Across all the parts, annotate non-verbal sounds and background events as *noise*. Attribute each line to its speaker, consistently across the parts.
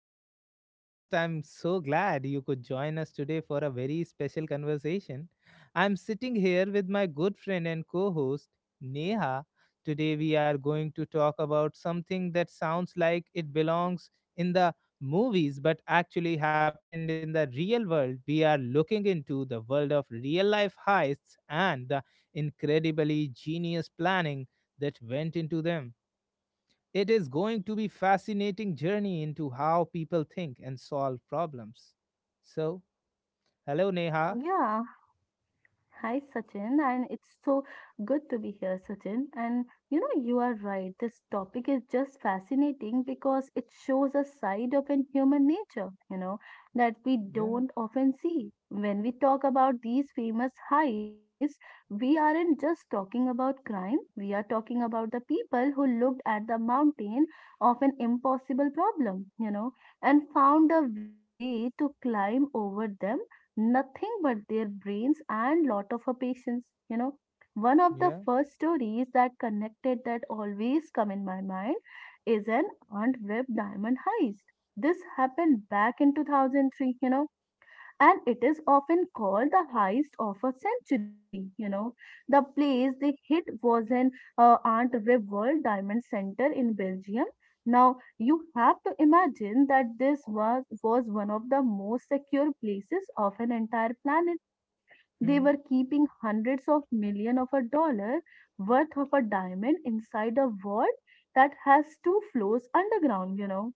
Speaker 1: to our podcast. I'm so glad you could join us today for a very special conversation. I'm sitting here with my good friend and co host, Neha. Today, we are going to talk about something that sounds like it belongs in the movies but actually happened in the real world. We are looking into the world of real life heists and the incredibly genius planning that went into them. It is going to be fascinating journey into how people think and solve problems. So, hello Neha.
Speaker 2: Yeah. Hi, Sachin. And it's so good to be here, Sachin. And you know, you are right. This topic is just fascinating because it shows a side of in human nature, you know, that we
Speaker 1: Yeah,
Speaker 2: don't often see. When we talk about these famous heists, we aren't just talking about crime. We are talking about the people who looked at the mountain of an impossible problem, you know, and found a way to climb over them nothing but their brains and lot of her patience, you know, one of the
Speaker 1: yeah,
Speaker 2: first stories that connected that always come in my mind is an aunt web diamond heist. This happened back in 2003, you know, and it is often called the heist of a century. You know, the place they hit was an Aunt Rib World Diamond Center in Belgium. Now you have to imagine that this was one of the most secure places of an entire planet. They
Speaker 1: hmm,
Speaker 2: were keeping hundreds of millions of a dollar worth of a diamond inside a vault that has two floors underground. You know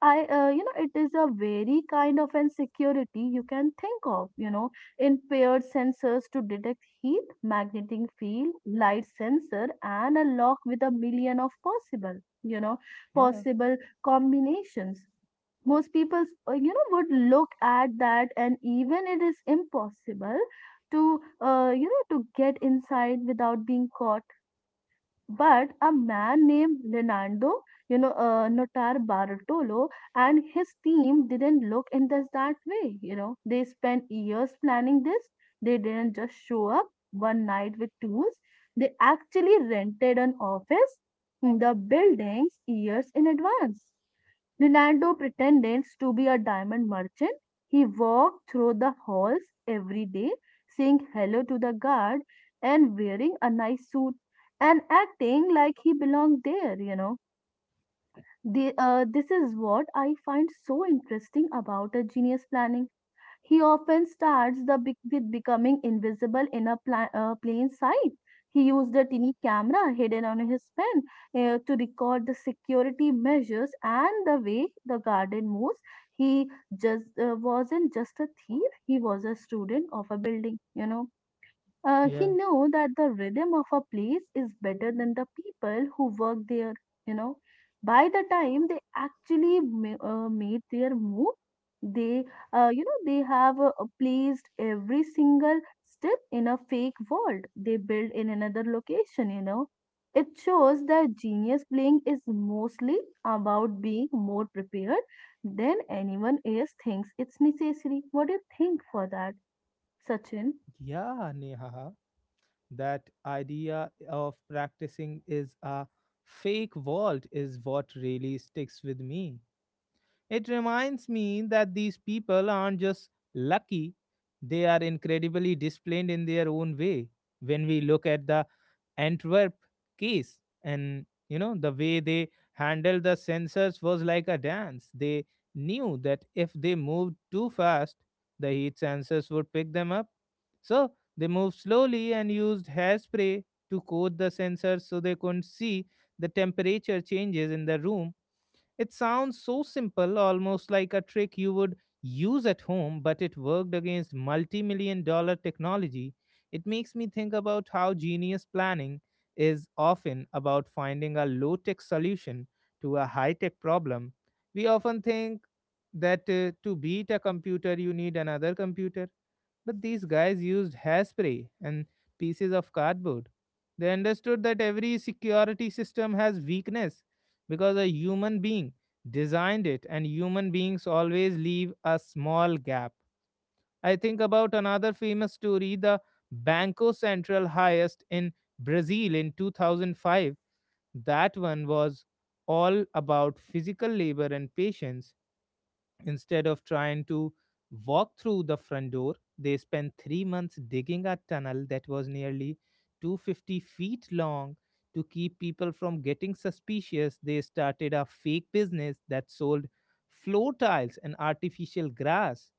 Speaker 2: you know, it is a very kind of insecurity you can think of, you know, impaired sensors to detect heat, magnetic field, light sensor, and a lock with a million of possible, you know,
Speaker 1: yeah,
Speaker 2: possible combinations. Most people, you know, would look at that, and even it is impossible to, you know, to get inside without being caught, but a man named Leonardo, you know, Notar Bartolo, and his team didn't look in this that way. You know, they spent years planning this. They didn't just show up one night with tools. They actually rented an office in the buildings years in advance. Leonardo pretended to be a diamond merchant. He walked through the halls every day, saying hello to the guard and wearing a nice suit and acting like he belonged there, you know. This is what I find so interesting about a genius planning. He often starts the big with becoming invisible in a plain sight. He used a tiny camera hidden on his pen to record the security measures and the way the garden moves. He just wasn't just a thief; he was a student of a building, you know. He
Speaker 1: yeah,
Speaker 2: knew that the rhythm of a place is better than the people who work there, you know. By the time they actually made their move, they, you know, they have placed every single step in a fake world they built in another location, you know. It shows that genius playing is mostly about being more prepared than anyone else thinks it's necessary. What do you think for that, Sachin?
Speaker 1: yeah, Neha. That idea of practicing is a fake vault is what really sticks with me. It reminds me that these people aren't just lucky; they are incredibly disciplined in their own way. When we look at the Antwerp case, and you know, the way they handled the sensors was like a dance. They knew that if they moved too fast, the heat sensors would pick them up. So they moved slowly and used hairspray to coat the sensors so they couldn't see the temperature changes in the room. It sounds so simple, almost like a trick you would use at home, but it worked against multi million dollar technology. It makes me think about how genius planning is often about finding a low tech solution to a high tech problem. We often think that to beat a computer, you need another computer, but these guys used hairspray and pieces of cardboard. They understood that every security system has weakness because a human being designed it and human beings always leave a small gap. I think about another famous story, the Banco Central highest in Brazil in 2005. That one was all about physical labor and patience. Instead of trying to walk through the front door, they spent 3 months digging a tunnel that was nearly 250 feet long. To keep people from getting suspicious, they started a fake business that sold floor tiles and artificial grass.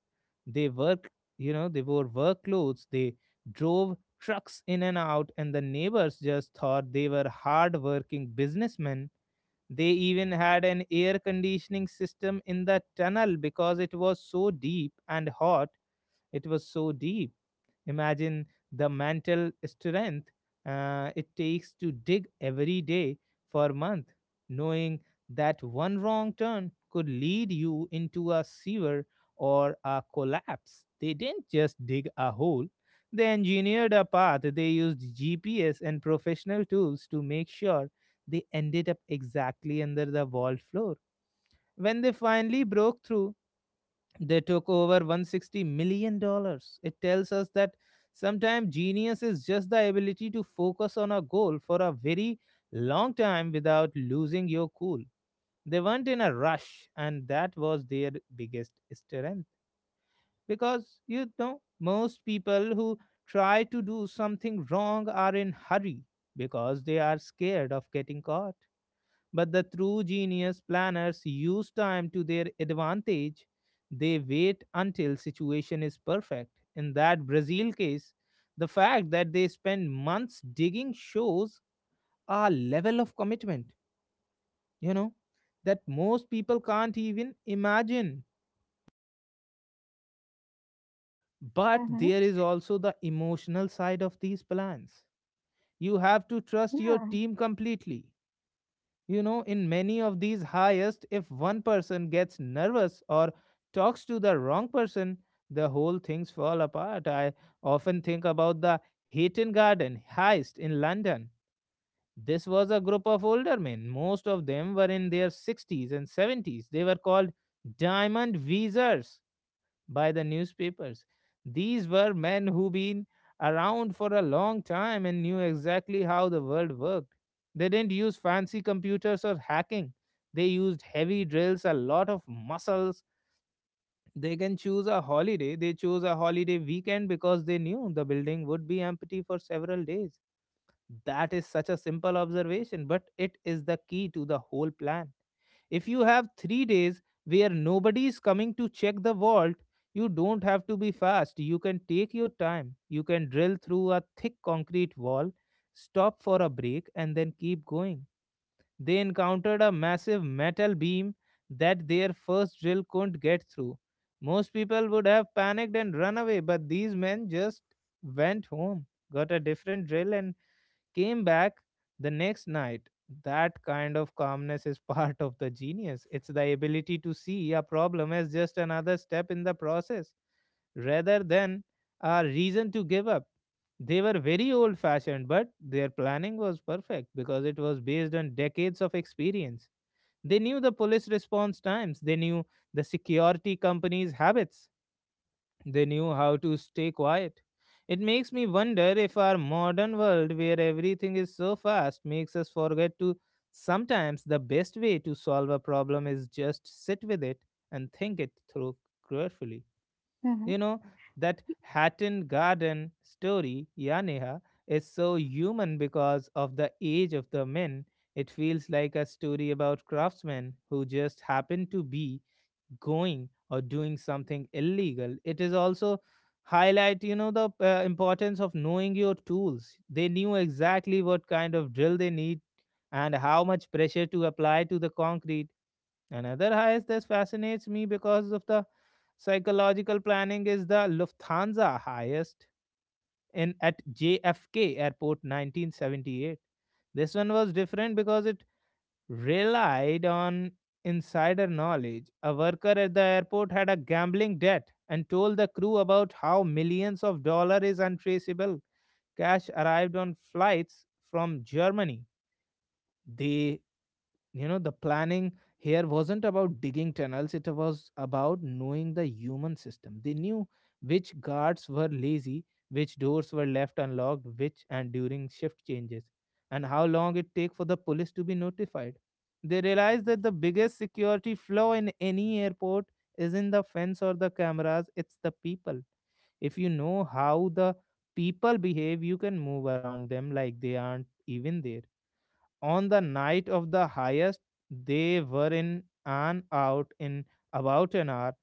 Speaker 1: They work, you know, they wore work clothes. They drove trucks in and out, and the neighbors just thought they were hard-working businessmen. They even had an air conditioning system in the tunnel because it was so deep and hot. It was so deep. Imagine the mental strength it takes to dig every day for a month, knowing that one wrong turn could lead you into a sewer or a collapse. They didn't just dig a hole, they engineered a path. They used GPS and professional tools to make sure they ended up exactly under the vault floor. When they finally broke through, they took over $160 million dollars. It tells us that sometimes genius is just the ability to focus on a goal for a very long time without losing your cool. They weren't in a rush, and that was their biggest strength. Because, you know, most people who try to do something wrong are in hurry because they are scared of getting caught, but the true genius planners use time to their advantage. They wait until situation is perfect. In that Brazil case, the fact that they spend months digging shows a level of commitment, you know, that most people can't even imagine. But
Speaker 2: Mm-hmm.
Speaker 1: there is also the emotional side of these plans. You have to trust your
Speaker 2: Yeah.
Speaker 1: team completely. You know, in many of these highest, if one person gets nervous or talks to the wrong person, the whole things fall apart. I often think about the Hayton Garden heist in London. This was a group of older men. Most of them were in their 60s and 70s. They were called Diamond Visors by the newspapers. These were men who been around for a long time and knew exactly how the world worked. They didn't use fancy computers or hacking. They used heavy drills, a lot of muscles. They can choose a holiday. They chose a holiday weekend because they knew the building would be empty for several days. That is such a simple observation, but it is the key to the whole plan. If you have 3 days where nobody is coming to check the vault, you don't have to be fast. You can take your time. You can drill through a thick concrete wall, stop for a break, and then keep going. They encountered a massive metal beam that their first drill couldn't get through. Most people would have panicked and run away, but these men just went home, got a different drill, and came back the next night. That kind of calmness is *laughs* part of the genius. It's the ability to see a problem as just another step in the process rather than a reason to give up. They were very old fashioned, but their planning was perfect because it was based on decades of experience. They knew the police response times, they knew the security company's habits, they knew how to stay quiet. It makes me wonder if our modern world, where everything is so fast, makes us forget to sometimes the best way to solve a problem is just sit with it and think it through carefully.
Speaker 2: Mhm.
Speaker 1: You know, that Hatton Garden story, Yaneha, is so human because of the age of the men. It feels like a story about craftsmen who just happen to be going or doing something illegal. It is also highlight, you know, the importance of knowing your tools. They knew exactly what kind of drill they need and how much pressure to apply to the concrete. Another highest that fascinates me because of the psychological planning is the Lufthansa highest in at JFK airport 1978. This one was different because it relied on insider knowledge. A worker at the airport had a gambling debt and told the crew about how millions of dollars is untraceable cash arrived on flights from Germany. They, you know, the planning here wasn't about digging tunnels, it was about knowing the human system. They knew which guards were lazy, which doors were left unlocked, which and during shift changes, and how long it take for the police to be notified. They realized that the biggest security flaw in any airport is in the fence or the cameras, it's the people. If you know how the people behave, you can move around them like they aren't even there. On the night of the highest, they were in and out in about an hour.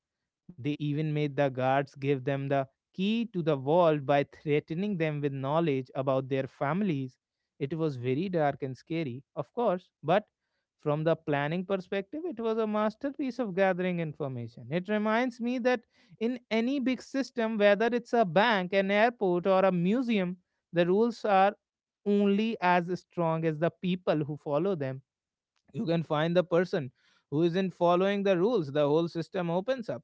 Speaker 1: They even made the guards give them the key to the vault by threatening them with knowledge about their families. It was very dark and scary, of course, but from the planning perspective, it was a masterpiece of gathering information. It reminds me that in any big system, whether it's a bank, an airport, or a museum, the rules are only as strong as the people who follow them. You can find the person who isn't following the rules, the whole system opens up.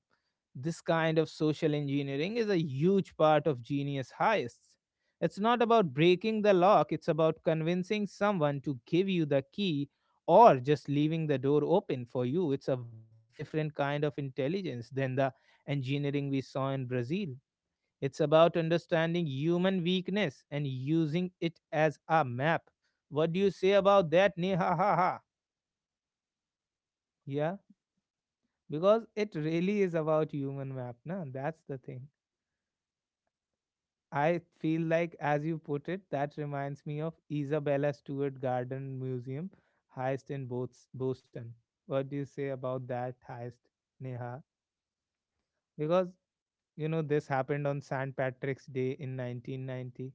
Speaker 1: This kind of social engineering is a huge part of genius heists. It's not about breaking the lock, it's about convincing someone to give you the key or just leaving the door open for you. It's a very different kind of intelligence than the engineering we saw in Brazil. It's about understanding human weakness and using it as a map. What do you say about that? Neha ha ha. Yeah, because it really is about human map. Na? That's the thing. I feel like, as you put it, that reminds me of Isabella Stewart Garden Museum, Heist in Boston. What do you say about that heist, Neha? Because, you know, this happened on St. Patrick's Day in 1990,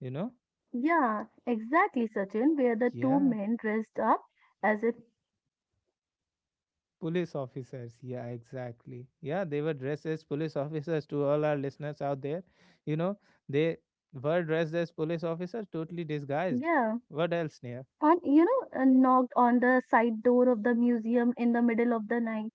Speaker 1: you know?
Speaker 2: Yeah, exactly, Sachin, where the two
Speaker 1: Yeah.
Speaker 2: men dressed up as if,
Speaker 1: Police officers, yeah, exactly. Yeah, they were dressed as police *laughs* officers to all our listeners out there. You know, they were dressed as police officers, totally disguised.
Speaker 2: yeah.
Speaker 1: What else, Neha?
Speaker 2: And you know, knocked on the side door of the museum in the middle of the night.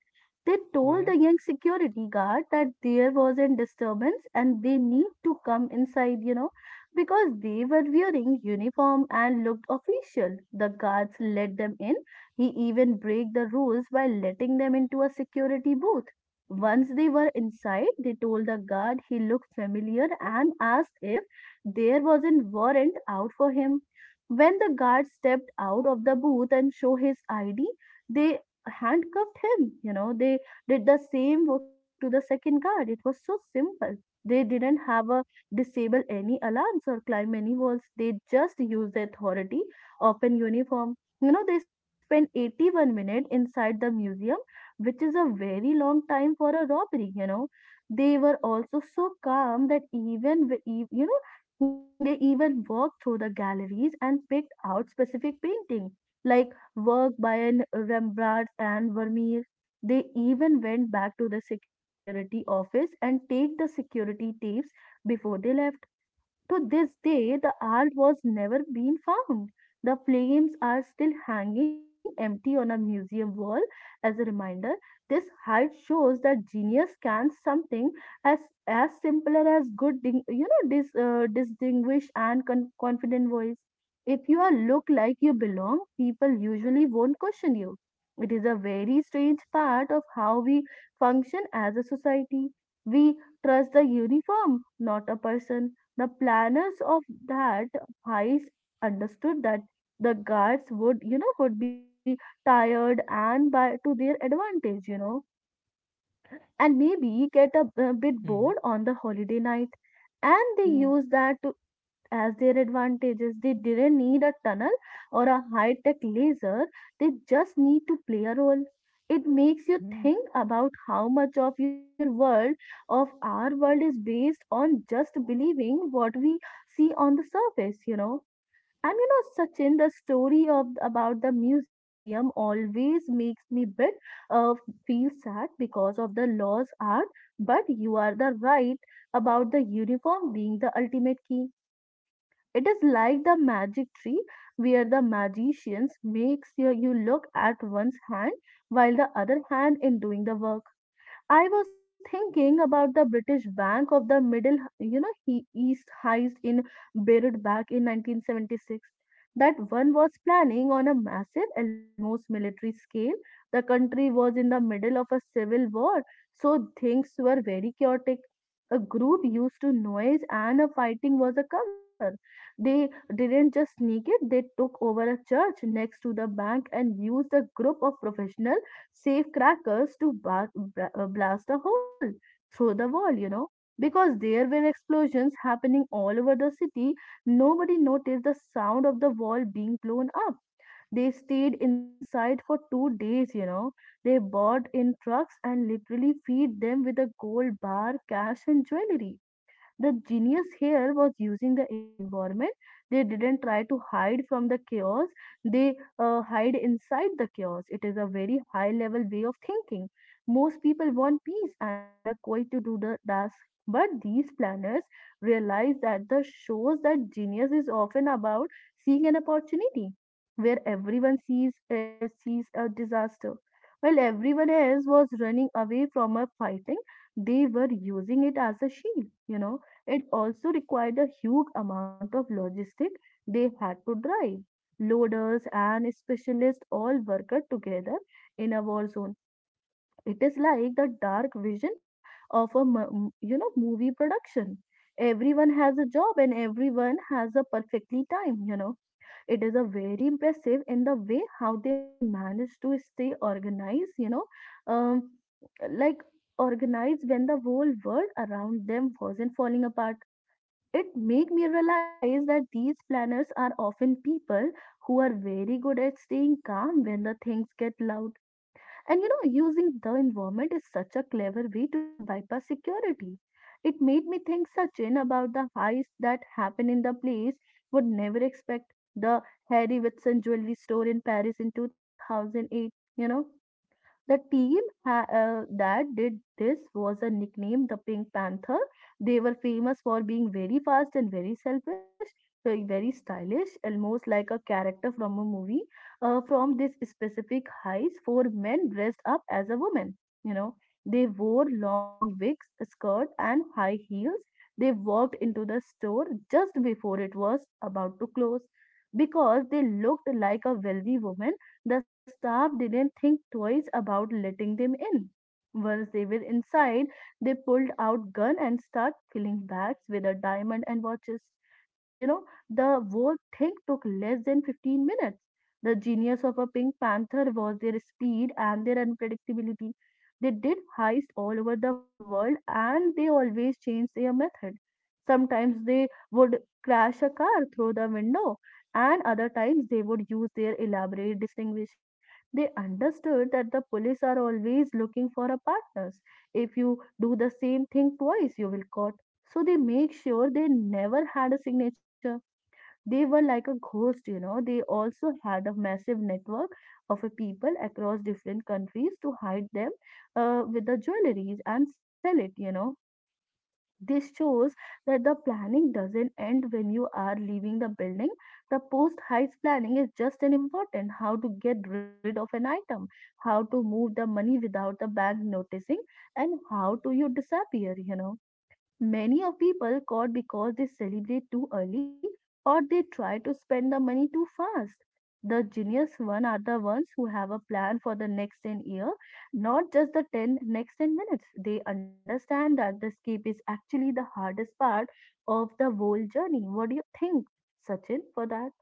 Speaker 2: They told
Speaker 1: Yeah.
Speaker 2: the young security guard that there was a disturbance and they need to come inside, you know, because they were wearing uniform and looked official, the guards let them in. He even break the rules by letting them into a security booth. Once they were inside, they told the guard he looked familiar and asked if there was a warrant out for him. When the guard stepped out of the booth and showed his ID, they handcuffed him. You know, they did the same work to the second guard. It was so simple. They didn't have a disable any alarms or climb any walls. They just used the authority of an uniform. You know, they spent 81 minutes inside the museum, which is a very long time for a robbery, you know. They were also so calm that even you know, they even walked through the galleries and picked out specific painting, like work by an Rembrandt and Vermeer. They even went back to the security office and take the security tapes before they left. To this day, the art was never been found. The flames are still hanging empty on a museum wall as a reminder. This height shows that genius can something as as simple as you know, distinguished and confident voice. If you are look like you belong, people usually won't question you. It is a very strange part of how we function as a society. We trust the uniform, not a person. The planners of that heist understood that the guards would, you know, would be tired and by to their advantage, you know, and maybe get a, a bit
Speaker 1: Hmm.
Speaker 2: bored on the holiday night, and they
Speaker 1: Hmm.
Speaker 2: use that to, as their advantages. They didn't need a tunnel or a high tech laser. They just need to play a role. It makes you
Speaker 1: Hmm.
Speaker 2: think about how much of your world of our world is based on just believing what we see on the surface, you know. And you know, Sachin, the story of about the museum always makes me bit uh, feel sad because of the laws are. But you are the right about the uniform being the ultimate key. It is like the magic tree where the magicians makes you, you look at one's hand while the other hand in doing the work. I was thinking about the British Bank of the Middle, you know, he East heist in Beirut back in 1976. That one was planning on a massive, almost military scale. The country was in the middle of a civil war, so things were very chaotic. A group used to noise and a fighting was a cover. They didn't just sneak it, they took over a church next to the bank and used a group of professional safe crackers to blast a hole through the wall, you know. Because there were explosions happening all over the city, nobody noticed the sound of the wall being blown up. They stayed inside for 2 days, you know. They bought in trucks and literally feed them with a gold bar, cash, and jewelry. The genius here was using the environment. They didn't try to hide from the chaos, they hide inside the chaos. It is a very high level way of thinking. Most people want peace and a quiet to do the task. But these planners realize that the shows that genius is often about seeing an opportunity where everyone sees sees a disaster. While everyone else was running away from a fighting, they were using it as a shield, you know. It also required a huge amount of logistic. They had to drive. Loaders and specialists all worked together in a war zone. It is like the dark vision of a you know, movie production. Everyone has a job and everyone has a perfectly time, you know. It is a very impressive in the way how they manage to stay organized, you know, um, like organized when the whole world around them wasn't falling apart. It made me realize that these planners are often people who are very good at staying calm when the things get loud. And you know, using the environment is such a clever way to bypass security. It made me think, Sachin, about the heists that happen in the place would never expect, the Harry Whitson jewelry store in Paris in 2008, you know. The team that did this was a nickname the Pink Panther. They were famous for being very fast and very selfish, very stylish, almost like a character from a movie. From this specific heist, four men dressed up as a woman. You know, they wore long wigs, a skirt, and high heels. They walked into the store just before it was about to close because they looked like a wealthy woman. The staff didn't think twice about letting them in. Once they were inside, they pulled out gun and start filling bags with a diamond and watches. You know, the whole thing took less than 15 minutes. The genius of a Pink Panther was their speed and their unpredictability. They did heists all over the world and they always changed their method. Sometimes they would crash a car through the window, and other times they would use their elaborate distinguish. They understood that the police are always looking for a partners. If you do the same thing twice you will caught, so they make sure they never had a signature. They were like a ghost, you know. They also had a massive network of a people across different countries to hide them with the jewelries and sell it, you know. This shows that the planning doesn't end when you are leaving the building. The post heights planning is just as important how to get rid of an item, how to move the money without the bank noticing, and how to you disappear. Many of people caught because they celebrate too early or they try to spend the money too fast. The genius one are the ones who have a plan for the next 10-year, not just the 10 next 10 minutes. They understand that the escape is actually the hardest part of the whole journey. What do you think, Sachin, for that?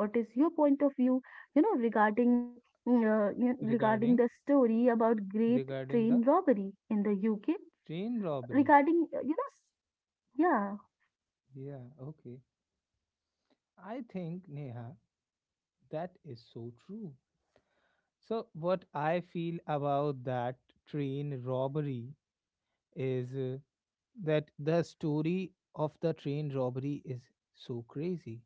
Speaker 2: What is your point of view, you know, regarding regarding
Speaker 1: Regarding
Speaker 2: the story about Great
Speaker 1: regarding the
Speaker 2: Train Robbery in the UK?
Speaker 1: train robbery.
Speaker 2: Regarding, you know, s- Yeah.
Speaker 1: Yeah, okay. I think, Neha, that is so true. So what I feel about that train robbery is that the story of the train robbery is so crazy.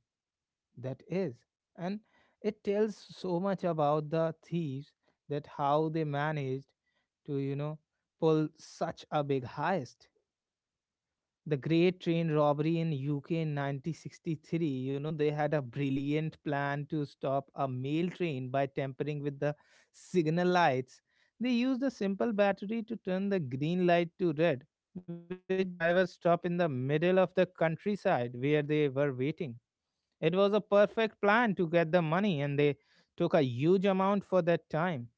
Speaker 1: That is, and it tells so much about the thieves that how they managed to, you know, pull such a big heist. The great train robbery in UK in 1963, you know, they had a brilliant plan to stop a mail train by tampering with the signal lights. They used a simple battery to turn the green light to red, which made the drivers stop in the middle of the countryside where they were waiting. It was a perfect plan to get the money, and they took a huge amount for that time.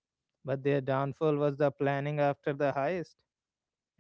Speaker 1: But their downfall was the planning after the heist.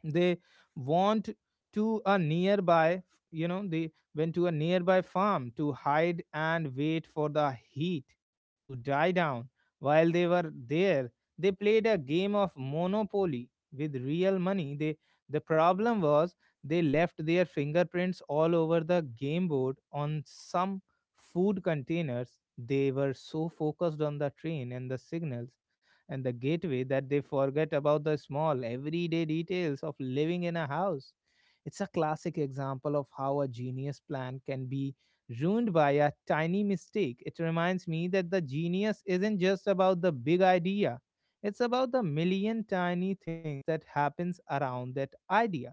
Speaker 1: They want to a nearby you know they went to a nearby farm to hide and wait for the heat to die down. While they were there, they played a game of monopoly with real money. The problem was, they left their fingerprints all over the game board on some food containers. They were so focused on the train and the signals and the gateway that they forget about the small, everyday details of living in a house. It's a classic example of how a genius plan can be ruined by a tiny mistake. It reminds me that the genius isn't just about the big idea. It's about the million tiny things that happens around that idea.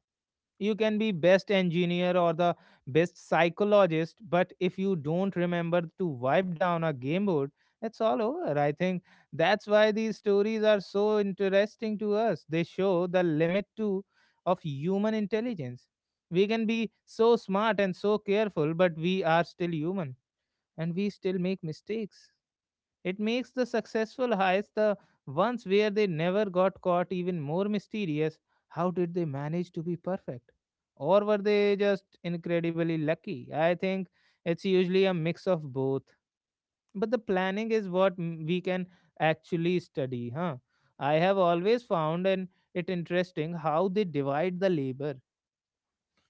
Speaker 1: You can be best engineer or the best psychologist, but if you don't remember to wipe down a game board, it's all over. I think that's why these stories are so interesting to us. They show the limit to of human intelligence. We can be so smart and so careful, but we are still human, and we still make mistakes. It makes the successful heists, the ones where they never got caught, even more mysterious. How did they manage to be perfect? Or were they just incredibly lucky? I think it's usually a mix of both. But the planning is what we can actually study, huh? I have always found and it interesting how they divide the labor.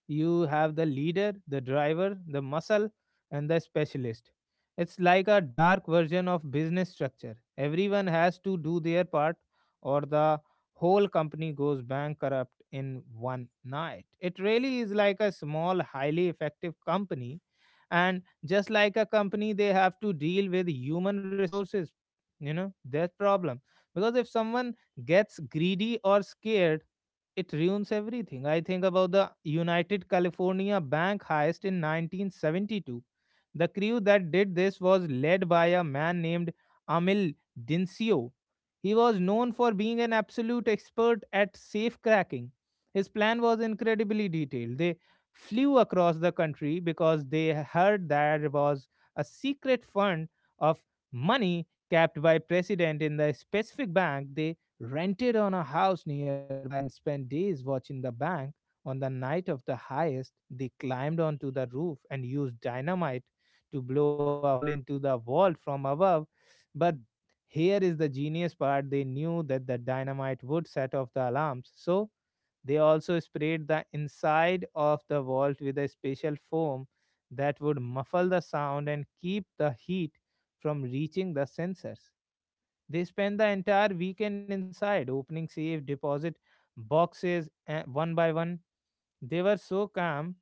Speaker 1: You have the leader, the driver, the muscle, and the specialist. It's like a dark version of business structure. Everyone has to do their part, or the whole company goes bankrupt in one night. It really is like a small, highly effective company. And just like a company, they have to deal with human resources, you know, their problem. Because if someone gets greedy or scared, it ruins everything. I think about the United California bank heist in 1972. The crew that did this was led by a man named Amil Dincio. He was known for being an absolute expert at safe cracking. His plan was incredibly detailed. They flew across the country because they heard there was a secret fund of money kept by president in the specific bank. They rented on a house nearby and spent days watching the bank. On the night of the highest, they climbed onto the roof and used dynamite to blow a hole into the wall from above. But here is the genius part. They knew that the dynamite would set off the alarms. So they also sprayed the inside of the vault with a special foam that would muffle the sound and keep the heat from reaching the sensors. They spent the entire weekend inside, opening safe deposit boxes one by one. They were so calm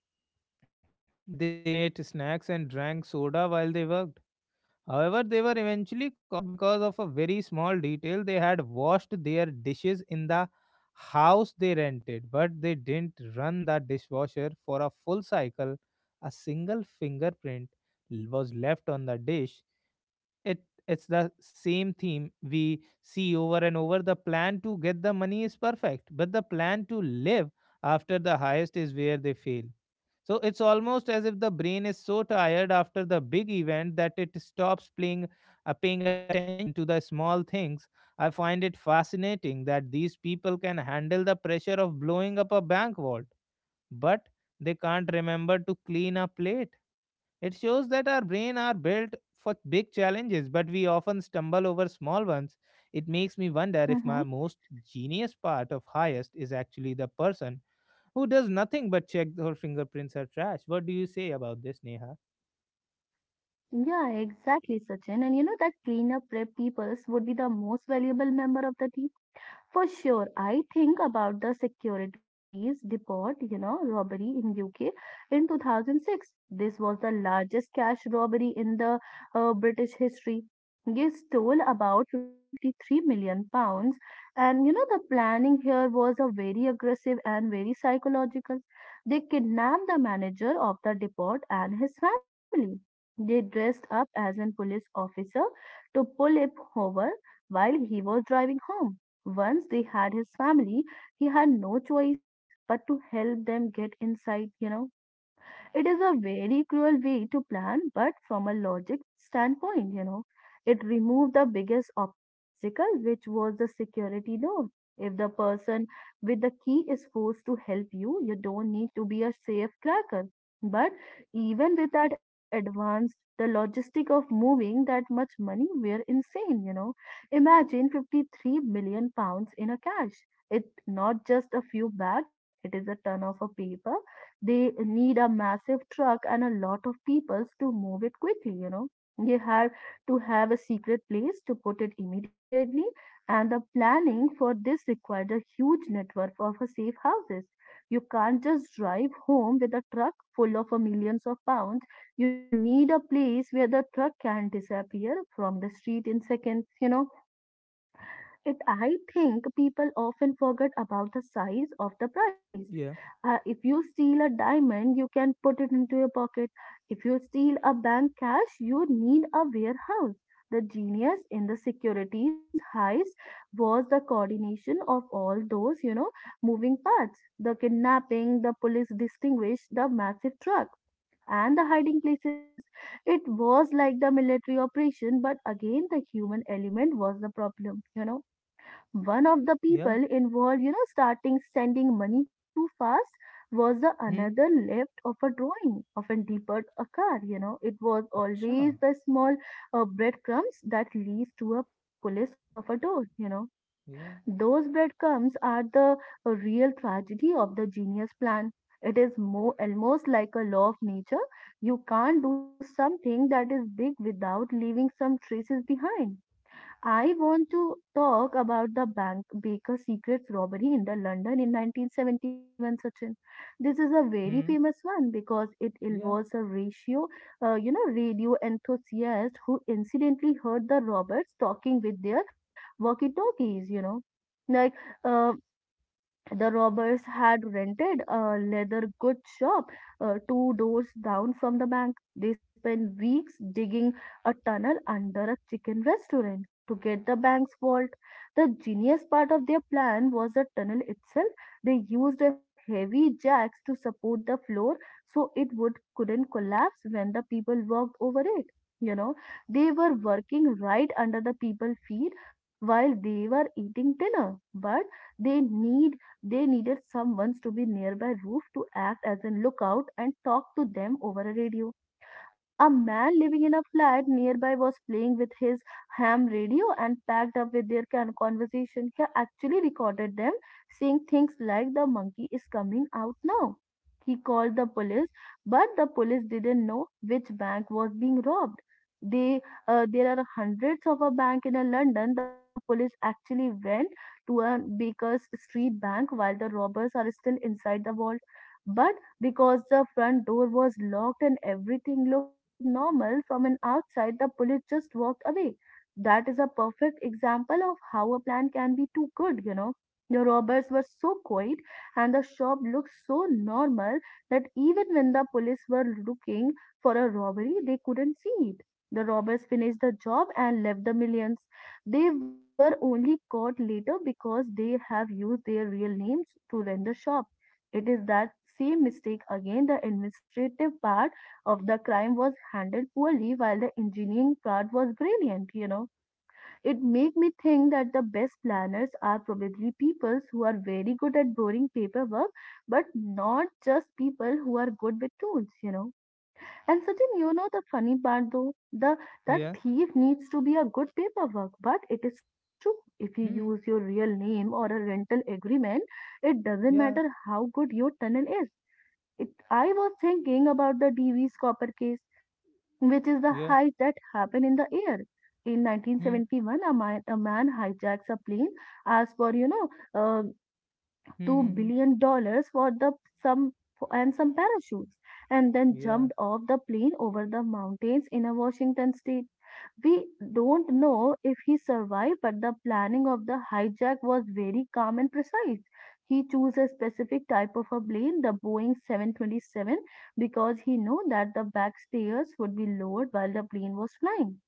Speaker 1: that they even ate snacks and drank soda while they worked. However, they were eventually caught because of a very small detail. They had washed their dishes in the house they rented, but they didn't run the dishwasher for a full cycle. A single fingerprint was left on the dish. It it's the same theme we see over and over. The plan to get the money is perfect, but the plan to live after the highest is where they fail. So it's almost as if the brain is so tired after the big event that it stops paying attention to the small things. I find it fascinating that these people can handle the pressure of blowing up a bank vault, but they can't remember to clean a plate. It shows that our brain are built for big challenges, but we often stumble over small ones. It makes me wonder if my
Speaker 2: Mm-hmm.
Speaker 1: most genius part of highest is actually the person who does nothing but check her fingerprints are trash. What do you say about this, Neha?
Speaker 2: Yeah, exactly, Sachin. And you know that cleanup prep peoples would be the most valuable member of the team. For sure, I think about the securities depot, robbery in UK in 2006. This was the largest cash robbery in the British history. They stole about £53 million, and the planning here was a very aggressive and very psychological. They kidnapped the manager of the depot and his family. They dressed up as a police officer to pull him over while he was driving home. Once they had his family, he had no choice but to help them get inside. It is a very cruel way to plan, but from a logic standpoint, it removed the biggest obstacle, which was the security door. If the person with the key is forced to help you, you don't need to be a safe cracker. But even with that advanced, the logistic of moving that much money were insane. Imagine £53 million in a cash. It's not just a few bags, it is a ton of a paper. They need a massive truck and a lot of peoples to move it quickly. They have to have a secret place to put it immediately, and the planning for this required a huge network of safe houses. You can't just drive home with a truck full of millions of pounds. You need a place where the truck can disappear from the street in seconds I think people often forget about the size of the prize.
Speaker 1: Yeah,
Speaker 2: If you steal a diamond, you can put it into your pocket. If you steal a bank cash, you need a warehouse. The genius in the securities heist was the coordination of all those, moving parts. The kidnapping, the police distinguished the massive truck and the hiding places. It was like the military operation, but again, the human element was the problem. One of the
Speaker 1: yeah,
Speaker 2: people involved, starting sending money too fast was the
Speaker 1: hmm,
Speaker 2: another left of a drawing of a deeper a car. It was always
Speaker 1: acha,
Speaker 2: the small breadcrumbs that leads to a police of a door. You know,
Speaker 1: yeah,
Speaker 2: those breadcrumbs are the real tragedy of the genius plan. It is more almost like a law of nature. You can't do something that is big without leaving some traces behind. I want to talk about the bank Baker Secrets robbery in the London in 1971, Sachin. This is a very
Speaker 1: hmm,
Speaker 2: famous one because it
Speaker 1: yeah,
Speaker 2: involves a radio enthusiast who incidentally heard the robbers talking with their walkie-talkies. Like, uh, the robbers had rented a leather goods shop two doors down from the bank. They spent weeks digging a tunnel under a chicken restaurant to get the bank's vault. The genius part of their plan was the tunnel itself. They used the heavy jacks to support the floor so it would couldn't collapse when the people walked over it. You know, they were working right under the people's feet while they were eating dinner, but they need they needed someone to be nearby roof to act as a lookout and talk to them over a radio. A man living in a flat nearby was playing with his ham radio and packed up with their conversation. He actually recorded them saying things like, The monkey is coming out now. He called the police, but the police didn't know which bank was being robbed. They, there are hundreds of a bank in London. The police actually went to a Baker's Street bank while the robbers are still inside the vault. But because the front door was locked and everything looked normal from an outside, the police just walked away. That is a perfect example of how a plan can be too good. The robbers were so quiet and the shop looked so normal that even when the police were looking for a robbery, they couldn't see it. The robbers finished the job and left the millions. They were only caught later because they have used their real names to rent the shop. It is that same mistake again. The administrative part of the crime was handled poorly while the engineering part was brilliant. It made me think that the best planners are probably people who are very good at boring paperwork, but not just people who are good with tools. And Sachin, you know the funny part though, the that
Speaker 1: yeah,
Speaker 2: thief needs to be a good paperwork, but it is true. If you use
Speaker 1: hmm,
Speaker 2: your real name or a rental agreement, it doesn't matter
Speaker 1: yeah,
Speaker 2: how good your tunnel is. I was thinking about the DV's copper case, which is the
Speaker 1: yeah,
Speaker 2: heist that happened in the air. In
Speaker 1: hmm,
Speaker 2: 1971, a man hijacks a plane as for uh, $2
Speaker 1: hmm, hmm, hmm,
Speaker 2: billion dollars for the some and some parachutes and then
Speaker 1: yeah,
Speaker 2: jumped off the plane over the mountains in a Washington state. We don't know if he survived, but the planning of the hijack was very calm and precise. He chose a specific type of a plane, the Boeing 727, because he knew that the back stairs would be lowered while the plane was flying.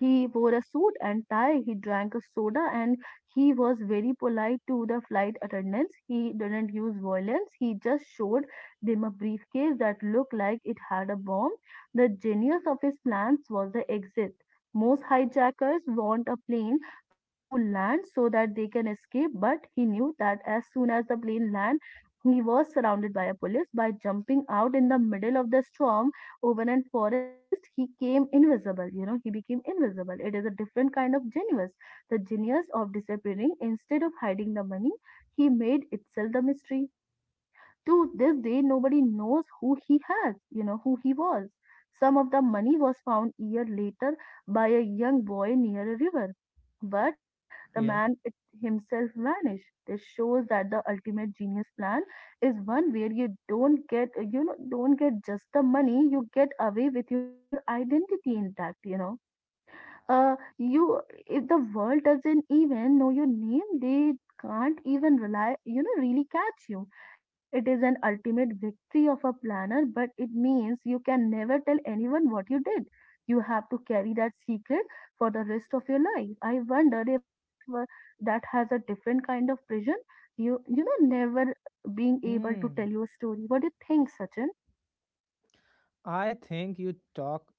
Speaker 2: He wore a suit and tie, he drank a soda, and he was very polite to the flight attendants. He didn't use violence, he just showed them a briefcase that looked like it had a bomb. The genius of his plans was the exit. Most hijackers want a plane to land so that they can escape, but he knew that as soon as the plane landed, he was surrounded by a police. By jumping out in the middle of the storm, over in forest, he came invisible. He became invisible. It is a different kind of genius. The genius of disappearing instead of hiding the money, he made itself the mystery. To this day, nobody knows who he has, who he was. Some of the money was found year later by a young boy near a river, but the man
Speaker 1: yeah,
Speaker 2: it himself vanished. This shows that the ultimate genius plan is one where you don't get just the money, you get away with your identity intact, you know uh you If the world doesn't even know your name they Can't even rely you know really catch you. It is an ultimate victory of a planner, but it means you can never tell anyone what you did. You have to carry that secret for the rest of your life. I wonder if that has a different kind of prison, never being able to tell your
Speaker 1: hmm.
Speaker 2: story. What do you think, Sachin?
Speaker 1: I think you talk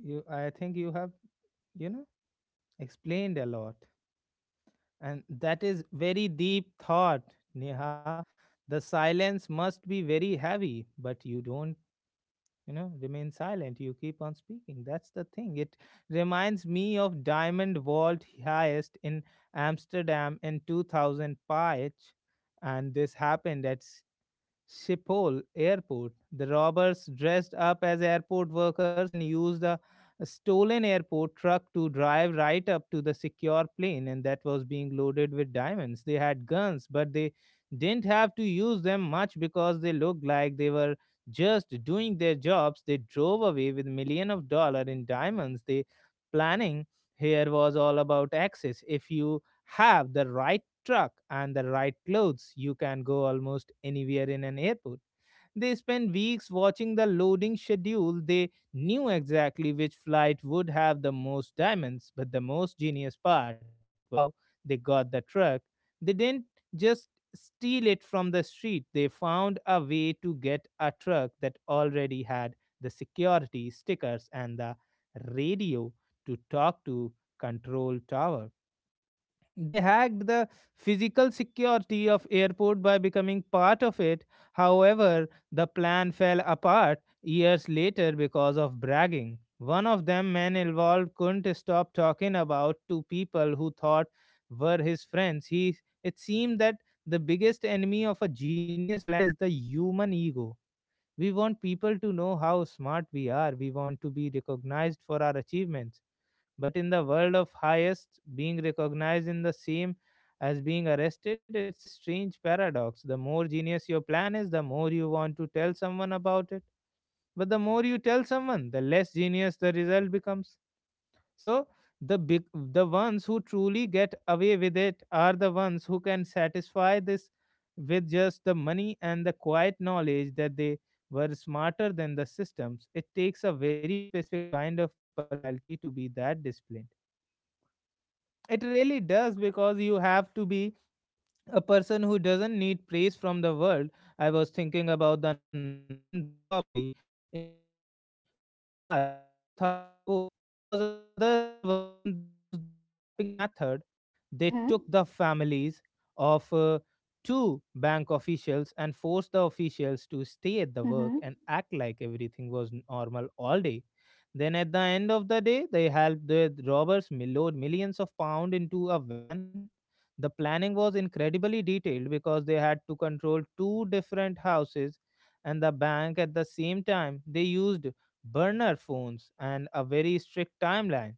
Speaker 1: you I think you have, you know, explained a lot. And that is very deep thought, Neha. The silence must be very heavy, but you don't remain silent, you keep on speaking. That's the thing. It reminds me of diamond vault heist in amsterdam in 2005, and this happened at Schiphol Airport. The robbers dressed up as airport workers and used a stolen airport truck to drive right up to the secure plane, and that was being loaded with diamonds. They had guns, but they didn't have to use them much because they looked like they were just doing their jobs. They drove away with millions of dollar in diamonds. The planning here was all about access. If you have the right truck and the right clothes, you can go almost anywhere in an airport. They spent weeks watching the loading schedule. They knew exactly which flight would have the most diamonds, but the most genius part was how they got the truck. They didn't just steal it from the street. They found a way to get a truck that already had the security stickers and the radio to talk to control tower. They hacked the physical security of airport by becoming part of it. However, the plan fell apart years later because of bragging. One of them men involved couldn't stop talking about two people who thought were his friends. He it seemed that the biggest enemy of a genius plan is the human ego. We want people to know how smart we are. We want to be recognized for our achievements, but in the world of highest, being recognized in the same as being arrested, it's a strange paradox. The more genius your plan is, the more you want to tell someone about it. But the more you tell someone, the less genius the result becomes. So the ones who truly get away with it are the ones who can satisfy this with just the money and the quiet knowledge that they were smarter than the systems. It takes a very specific kind of personality to be that disciplined. It really does, because you have to be a person who doesn't need praise from the world. I was thinking about the Northern Bank robbery in Belfast in 2004. This was another one that used the kidnapping method. They
Speaker 2: Mhm.
Speaker 1: took the families of two bank officials and forced the officials to stay at the
Speaker 2: Mhm.
Speaker 1: work and act like everything was normal all day. Then at the end of the day, they helped the robbers load millions of pounds into a van. The planning was incredibly detailed because they had to control two different houses and the bank at the same time. They used burner phones and a very strict timeline.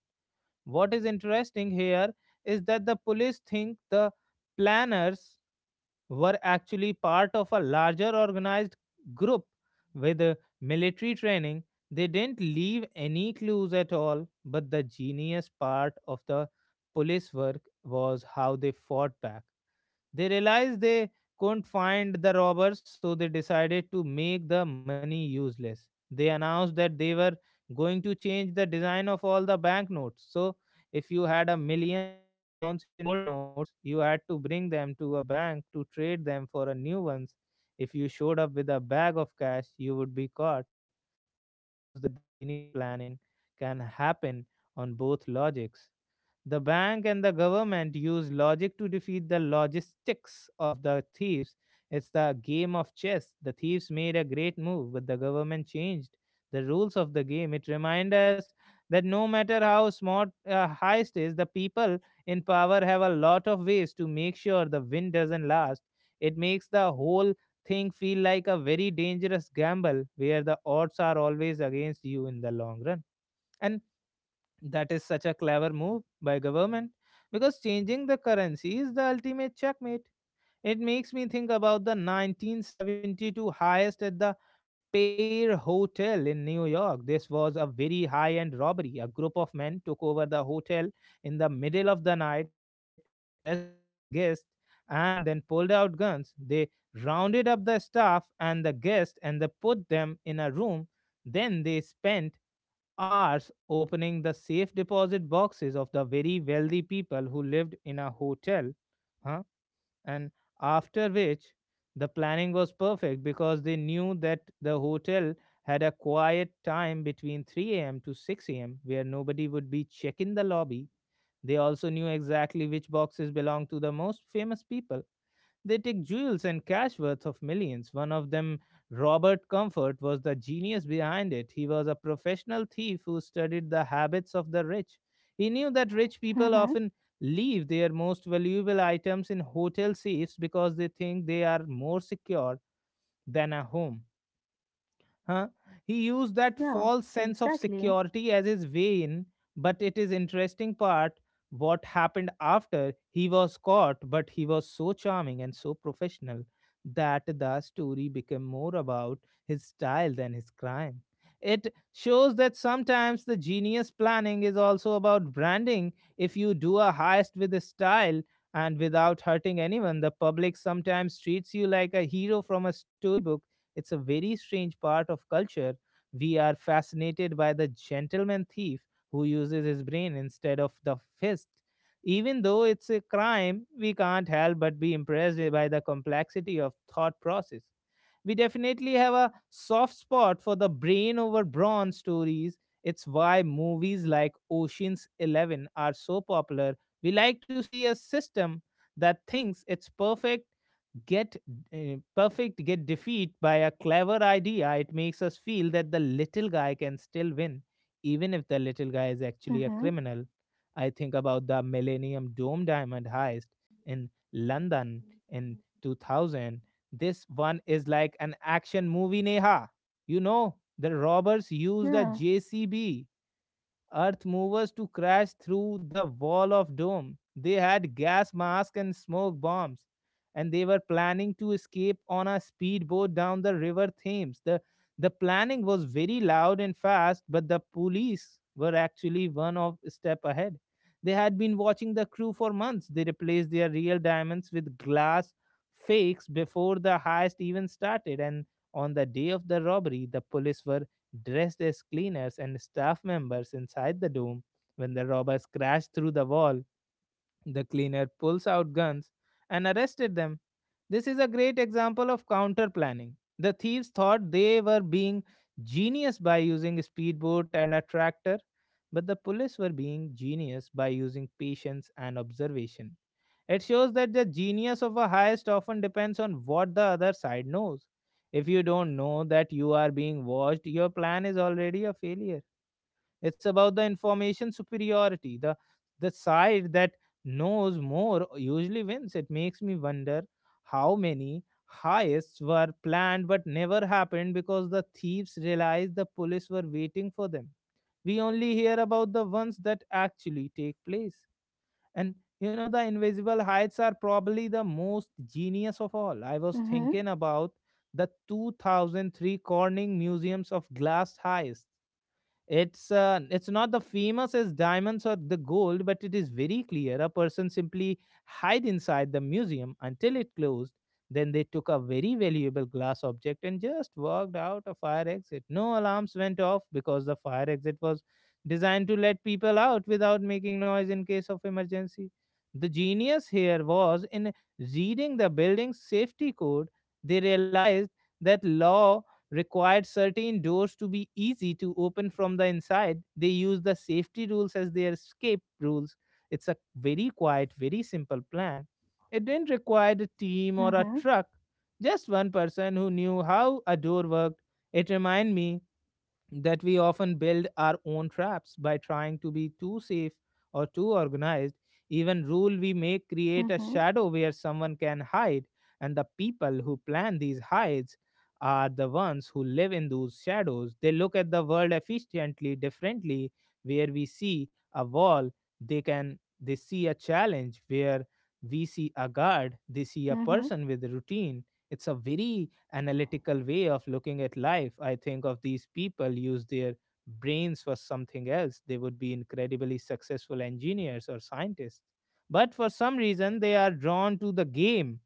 Speaker 1: What is interesting here is that the police think the planners were actually part of a larger organized group with military training. They didn't leave any clues at all, but the genius part of the police work was how they fought back. They realized they couldn't find the robbers, so they decided to make the money useless. They announced that they were going to change the design of all the banknotes. So, if you had £1 million in old notes, you had to bring them to a bank to trade them for a new ones. If you showed up with a bag of cash, you would be caught. This shows that the genius planning can happen on both logics. The bank and the government use logic to defeat the logistics of the thieves. It's the game of chess. The thieves made a great move, but the government changed the rules of the game. It reminds us that no matter how smart a heist is, the people in power have a lot of ways to make sure the win doesn't last. It makes the whole thing feel like a very dangerous gamble where the odds are always against you in the long run. And that is such a clever move by government, because changing the currency is the ultimate checkmate. It makes me think about the 1972 heist at the Pear Hotel in New York. This was a very high-end robbery. A group of men took over the hotel in the middle of the night. They dressed up as a guest and then pulled out guns. They rounded up the staff and the guest and they put them in a room. Then they spent hours opening the safe deposit boxes of the very wealthy people who lived in a hotel, huh? And after which, the planning was perfect because they knew that the hotel had a quiet time between 3 a.m. to 6 a.m., where nobody would be checking the lobby. They also knew exactly which boxes belonged to the most famous people. They take jewels and cash worth of millions. One of them, Robert Comfort, was the genius behind it. He was a professional thief who studied the habits of the rich. He knew that rich people often
Speaker 2: Mhm.
Speaker 1: leave their most valuable items in hotel safes because they think they are more secure than a home. Huh? He used that
Speaker 2: Yeah,
Speaker 1: false sense of
Speaker 2: exactly.
Speaker 1: security as his way in, but it is interesting part what happened after he was caught, but he was so charming and so professional that the story became more about his style than his crime. It shows that sometimes the genius planning is also about branding. If you do a heist with a style and without hurting anyone, the public sometimes treats you like a hero from a storybook. It's a very strange part of culture. We are fascinated by the gentleman thief who uses his brain instead of the fist. Even though it's a crime, we can't help but be impressed by the complexity of thought process. We definitely have a soft spot for the brain over brawn stories. It's why movies like Ocean's 11 are so popular. We like to see a system that thinks it's get perfect get defeat by a clever idea. It makes us feel that the little guy can still win, even if the little guy is actually a
Speaker 2: Mhm.
Speaker 1: criminal. I think about the Millennium Dome diamond heist in London in 2000. This one is like an action movie, Neha. You know, the robbers used a
Speaker 2: Yeah.
Speaker 1: JCB Earth movers to crash through the wall of dome. They had gas masks and smoke bombs, and they were planning to escape on a speedboat down the River Thames. The planning was very loud and fast, but the police were actually one of step ahead. They had been watching the crew for months. They replaced their real diamonds with glass fakes before the heist even started, and on the day of the robbery, the police were dressed as cleaners and staff members inside the dome. When the robbers crashed through the wall, the cleaner pulls out guns and arrested them. This is a great example of counter planning. The thieves thought they were being genius by using a speedboat and a tractor, but the police were being genius by using patience and observation. It shows that the genius of a heist often depends on what the other side knows. If you don't know that you are being watched, your plan is already a failure. It's about the information superiority. The side that knows more usually wins. It makes me wonder how many heists were planned but never happened because the thieves realized the police were waiting for them. We only hear about the ones that actually take place. And you know, the invisible heights are probably the most genius of all. I was
Speaker 2: Mm-hmm.
Speaker 1: thinking about the 2003 Corning Museums of Glass Heights. It's not the famous as diamonds or the gold, but it is very clear. A person simply hid inside the museum until it closed. Then they took a very valuable glass object and just walked out a fire exit. No alarms went off because the fire exit was designed to let people out without making noise in case of emergency. The genius here was in reading the building's safety code. They realized that law required certain doors to be easy to open from the inside. They use the safety rules as their escape rules. It's a very quiet, very simple plan. It didn't require a team or a
Speaker 2: Mm-hmm.
Speaker 1: truck, just one person who knew how a door worked. It reminded me that we often build our own traps by trying to be too safe or too organized. Even rule we make create a
Speaker 2: Mm-hmm.
Speaker 1: shadow where someone can hide, and the people who plan these hides are the ones who live in those shadows. They look at the world efficiently differently. Where we see a wall, they see a challenge. Where we see a guard, they see a
Speaker 2: Mm-hmm.
Speaker 1: person with a routine. It's a very analytical way of looking at life. I think of these people use their brains for something else. They would be incredibly successful engineers or scientists. But for some reason, they are drawn to the game.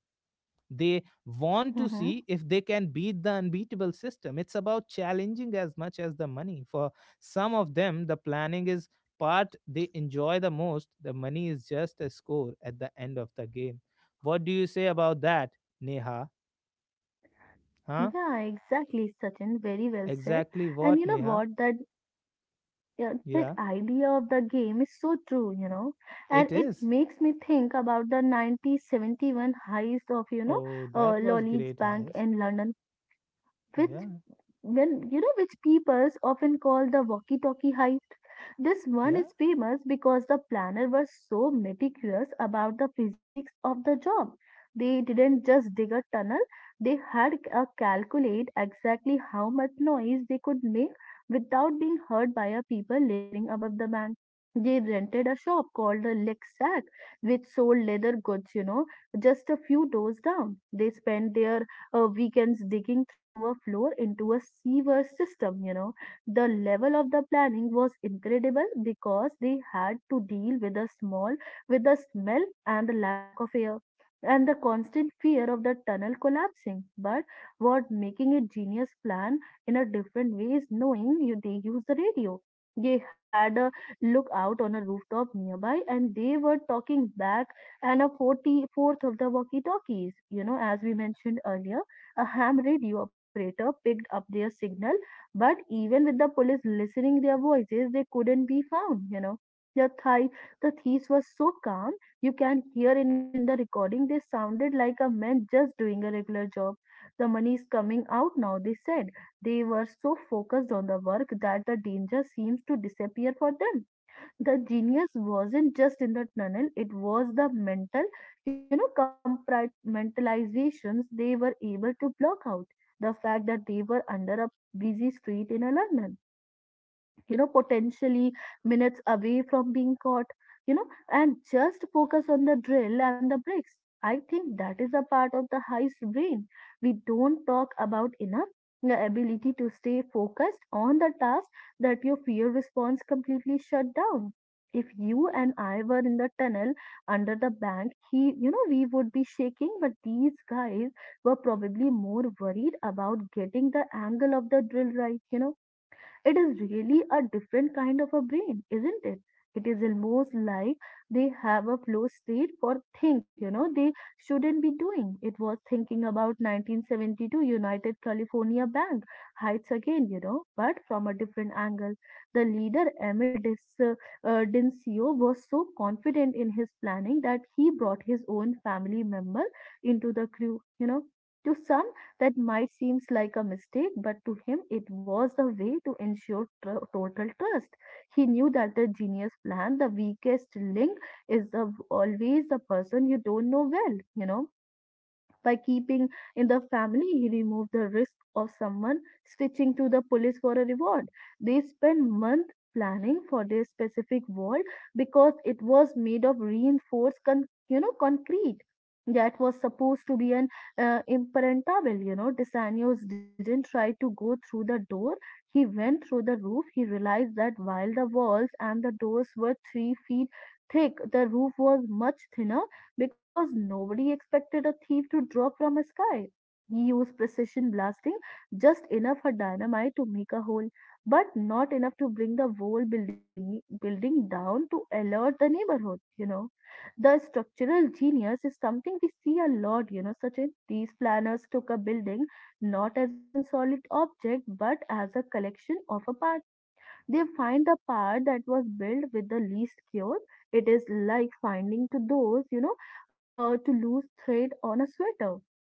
Speaker 1: They want to
Speaker 2: Mm-hmm.
Speaker 1: see if they can beat the unbeatable system. It's about challenging as much as the money. For some of them, the planning is part they enjoy the most. The money is just a score at the end of the game. What do you say about that, Neha? Huh?
Speaker 2: Yeah, exactly, Sachin. Very well said.
Speaker 1: Exactly
Speaker 2: And you
Speaker 1: what,
Speaker 2: know
Speaker 1: Neha?
Speaker 2: what? That Yeah, that
Speaker 1: Yeah,
Speaker 2: idea of the game is so true, and
Speaker 1: it
Speaker 2: it
Speaker 1: is.
Speaker 2: makes me think about the 1971 heist of,
Speaker 1: Oh, that was
Speaker 2: Lolly's
Speaker 1: great
Speaker 2: Bank
Speaker 1: heist.
Speaker 2: in London, which
Speaker 1: Yeah,
Speaker 2: when you know which peoples often call the walkie-talkie heist. This one
Speaker 1: yeah.
Speaker 2: is famous because the planner was so meticulous about the physics of the job. They didn't just dig a tunnel, they had calculate exactly how much noise they could make without being heard by a people living above the bank. They rented a shop called the Lick Sack, which sold leather goods, just a few doors down. They spent their weekends digging through a floor into a sewer system. The level of the planning was incredible because they had to deal with the smell and the lack of air and the constant fear of the tunnel collapsing. But what making a genius plan in a different way is knowing you they use the radio. They had a lookout on a rooftop nearby and they were talking back and a 44th of the walkie talkies. As we mentioned earlier, a ham radio operator picked up their signal, but even with the police listening their voices, they couldn't be found. The, thi- the thieves were so calm, you can hear it in the recording. They sounded like a man just doing a regular job. The money is coming out now, they said. They were so focused on the work that the danger seems to disappear for them. The genius wasn't just in the tunnel, it was the mental, mentalizations they were able to block out. The fact that they were under a busy street in a London, you know, potentially minutes away from being caught, you know and just focus on the drill and the bricks. I think that is a part of the heist brain we don't talk about enough, the ability to stay focused on the task, that your fear response completely shut down. If you and I were in the tunnel under the bank, he, you know, we would be shaking, but these guys were probably more worried about getting the angle of the drill right, you know. It is really a different kind of a brain, isn't it? It is almost like they have a flow state for think, you know, they shouldn't be doing. It was thinking about 1972 United California Bank heights again, you know, but from a different angle. The leader, Emil Dis, Dincio, was so confident in his planning that he brought his own family member into the crew, you know. To some that might seem like a mistake, but to him it was the way to ensure total trust. He knew that the genius plan, the weakest link, is the, always the person you don't know well, you know. By keeping in the family, he removed the risk of someone switching to the police for a reward. They spent months planning for this specific wall because it was made of you know, concrete that was supposed to be an impenetrable, you know. Desanios didn't try to go through the door, he went through the roof. He realized that while the walls and the doors were 3 feet thick, the roof was much thinner, because nobody expected a thief to drop from a sky. He used precision blasting, just enough for dynamite to make a hole, but not enough to bring the whole building down to alert the neighborhood, you know. The structural genius is something we see a lot, you know. Such, these planners took a building not as a solid object but as a collection of a parts. They find the part that was built with the least care. It is like finding to those, you know, to lose thread on a sweater.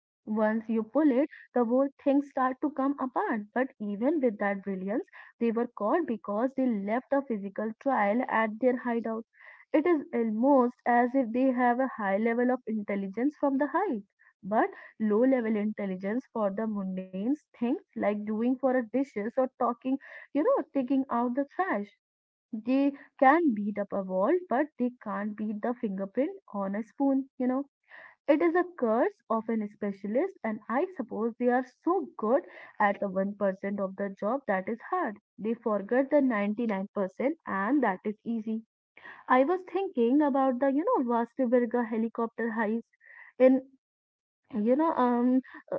Speaker 2: Once you pull it, the whole thing start to come apart. But even with that brilliance, they were caught because they left a physical trail at their hideout. It is almost as if they have a high level of intelligence from the height, but low level intelligence for the mundane things like doing for a dishes or talking, you know, taking out the trash. They can beat up a wall, but they can't beat the fingerprint on a spoon, you know. It is a curse of an specialist, and I suppose they are so good at the 1% of the job that is hard. They forget the 99% and that is easy. I was thinking about the, you know, Vasteberga helicopter heist. In you know uh,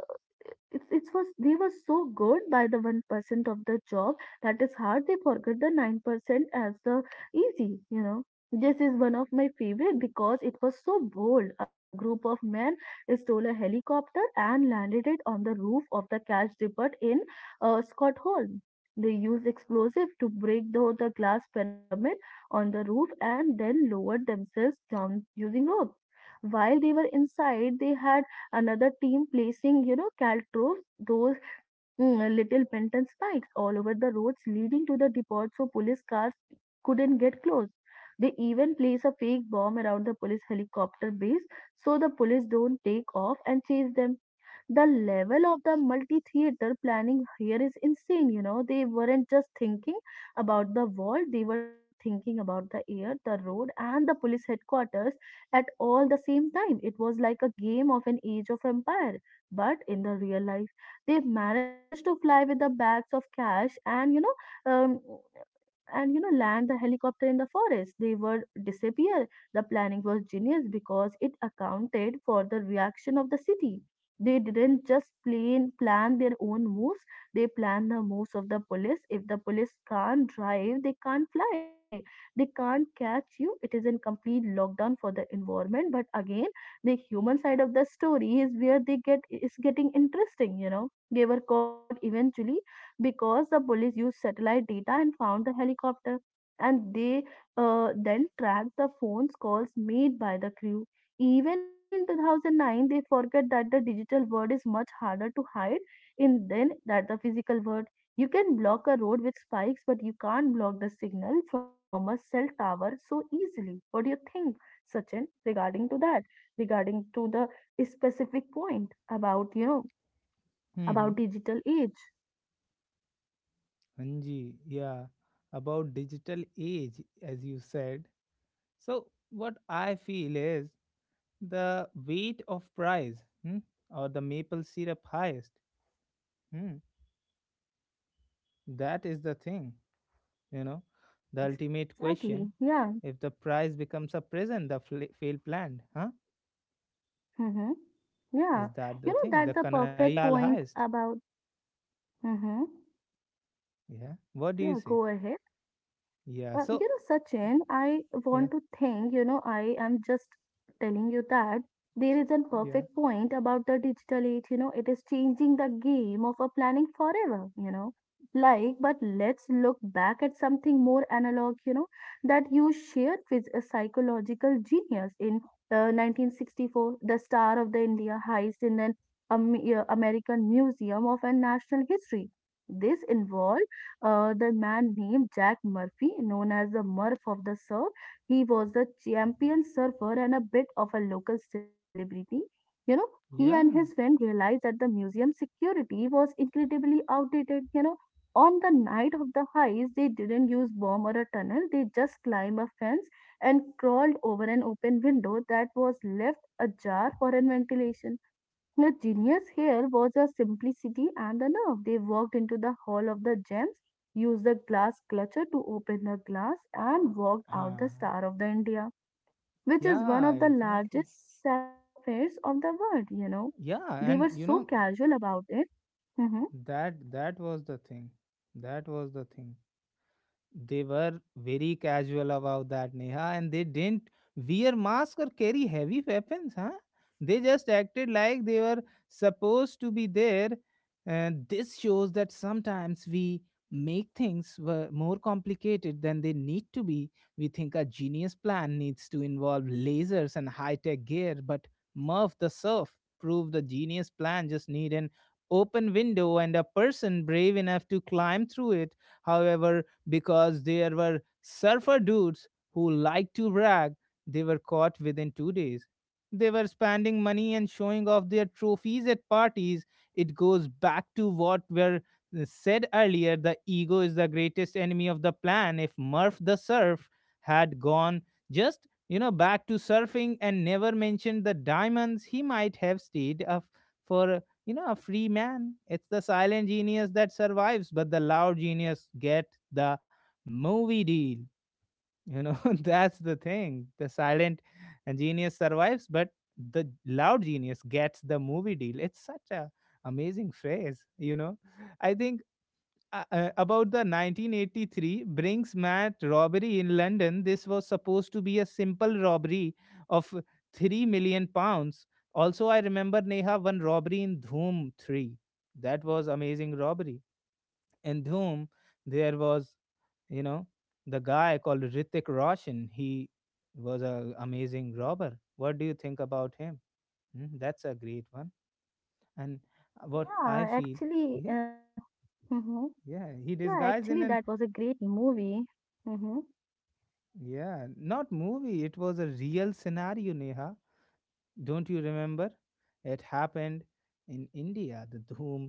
Speaker 2: it, It was they were so good by the 1% of the job that is hard, they forget the 9% as the easy, you know. This is one of my favorite because it was so bold. A group of men stole a helicopter and landed it on the roof of the cash depot in Stockholm. They used explosive to break though the glass pyramid on the roof and then lowered themselves down using rope. While they were inside, they had another team placing, you know, caltrops, those little pent spikes all over the roads leading to the depot, so police cars couldn't get close. They even place a fake bomb around the police helicopter base so the police don't take off and chase them. The level of the multi-theater planning here is insane, you know. They weren't just thinking about the wall; they were thinking about the air, the road, and the police headquarters at all the same time. It was like a game of an age of empire, but in the real life. They managed to fly with the bags of cash and um, and you know, land the helicopter in the forest. They would disappear. The planning was genius because it accounted for the reaction of the city. They didn't just plan their own moves, they planned the moves of the police. If the police can't drive, they can't fly, they can't catch you. It is in complete lockdown for the environment. But again, the human side of the story is where they get is getting interesting, you know. They were caught eventually because the police used satellite data and found the helicopter, and they then tracked the phone calls made by the crew. Even in 2009, they forget that the digital world is much harder to hide in than that the physical world. You can block a road with spikes, but you can't block the signal from a cell tower so easily. What do you think, Sachin, regarding to that, regarding to the specific point about, you know,
Speaker 1: Mm-hmm.
Speaker 2: about digital age?
Speaker 1: Anji, yeah. About digital age, as you said. So, what I feel is the weight of price, hmm? Or the maple syrup heist. Hmm? That is the thing, you know, the ultimate
Speaker 2: Exactly.
Speaker 1: question.
Speaker 2: Yeah.
Speaker 1: If the prize becomes a prison, the fail planned, huh?
Speaker 2: Mm-hmm. Yeah.
Speaker 1: Is
Speaker 2: You
Speaker 1: that the
Speaker 2: know,
Speaker 1: thing?
Speaker 2: that's
Speaker 1: The
Speaker 2: the
Speaker 1: Kanaiya
Speaker 2: perfect
Speaker 1: Lal
Speaker 2: point
Speaker 1: heist.
Speaker 2: about. Mm-hmm.
Speaker 1: Yeah. What do you
Speaker 2: Yeah,
Speaker 1: say?
Speaker 2: go ahead.
Speaker 1: Yeah.
Speaker 2: You
Speaker 1: So,
Speaker 2: know, Sachin, I
Speaker 1: yeah,
Speaker 2: want to think, you know, I am just telling you that there is a
Speaker 1: yeah,
Speaker 2: perfect point about the digital age, you know. It is changing the game of a planning forever, you know. Like, but let's look back at something more analog, you know, that you shared with a psychological genius in 1964, the star of the India heist in an American Museum of a National History. This involved the man named Jack Murphy, known as the Murph of the Surf. He was a champion surfer and a bit of a local celebrity. You know, he and his
Speaker 1: yeah,
Speaker 2: friend realized that the museum security was incredibly outdated. You know, on the night of the heist, they didn't use bomb or a tunnel. They just climbed a fence and crawled over an open window that was left ajar for ventilation. The genius here was the simplicity and the nerve. They walked into the hall of the gems, used the glass clutcher to open the glass, and walked out the
Speaker 1: uh,
Speaker 2: Star of the India, which is one
Speaker 1: yeah,
Speaker 2: of the
Speaker 1: exactly.
Speaker 2: largest sapphires of the world, you know. They
Speaker 1: Yeah,
Speaker 2: were
Speaker 1: and
Speaker 2: so
Speaker 1: you know
Speaker 2: casual about it. Hmm.
Speaker 1: that that was the thing. That was the thing. They were very casual about that, Neha, and they didn't wear masks or carry heavy weapons, huh? They just acted like they were supposed to be there. And this shows that sometimes we make things more complicated than they need to be. We think a genius plan needs to involve lasers and high tech gear, but Murph the Surf proved the genius plan just need an open window and a person brave enough to climb through it. However, because there were surfer dudes who liked to brag. They were caught within 2 days. They were spending money and showing off their trophies at parties. It goes back to what were said earlier. The ego is the greatest enemy of the plan. If Murph the Surf had gone just, you know, back to surfing and never mentioned the diamonds, he might have stayed a for, you know, a free man. It's the silent genius that survives, but the loud genius get the movie deal. You know, *laughs* that's the thing. The silent genius survives, but the loud genius gets the movie deal. It's such a amazing phrase. You know, I think about the 1983 Brinks Matt robbery in London. This was supposed to be a simple robbery of £3 million. Also, I remember Neha one robbery in Dhoom 3. That was amazing robbery. In Dhoom, there was, you know, the guy called Ritik Roshan. He was a amazing robber. What do you think about him? Hmm, that's a great one and what I
Speaker 2: Yeah,
Speaker 1: feel,
Speaker 2: actually,
Speaker 1: yeah,
Speaker 2: hmm.
Speaker 1: yeah,
Speaker 2: Yeah,
Speaker 1: he
Speaker 2: actually,
Speaker 1: disguised
Speaker 2: that
Speaker 1: in
Speaker 2: was
Speaker 1: an,
Speaker 2: a great movie. Hmm.
Speaker 1: yeah, not movie, it was a real scenario, Neha. Don't you remember? It happened in India,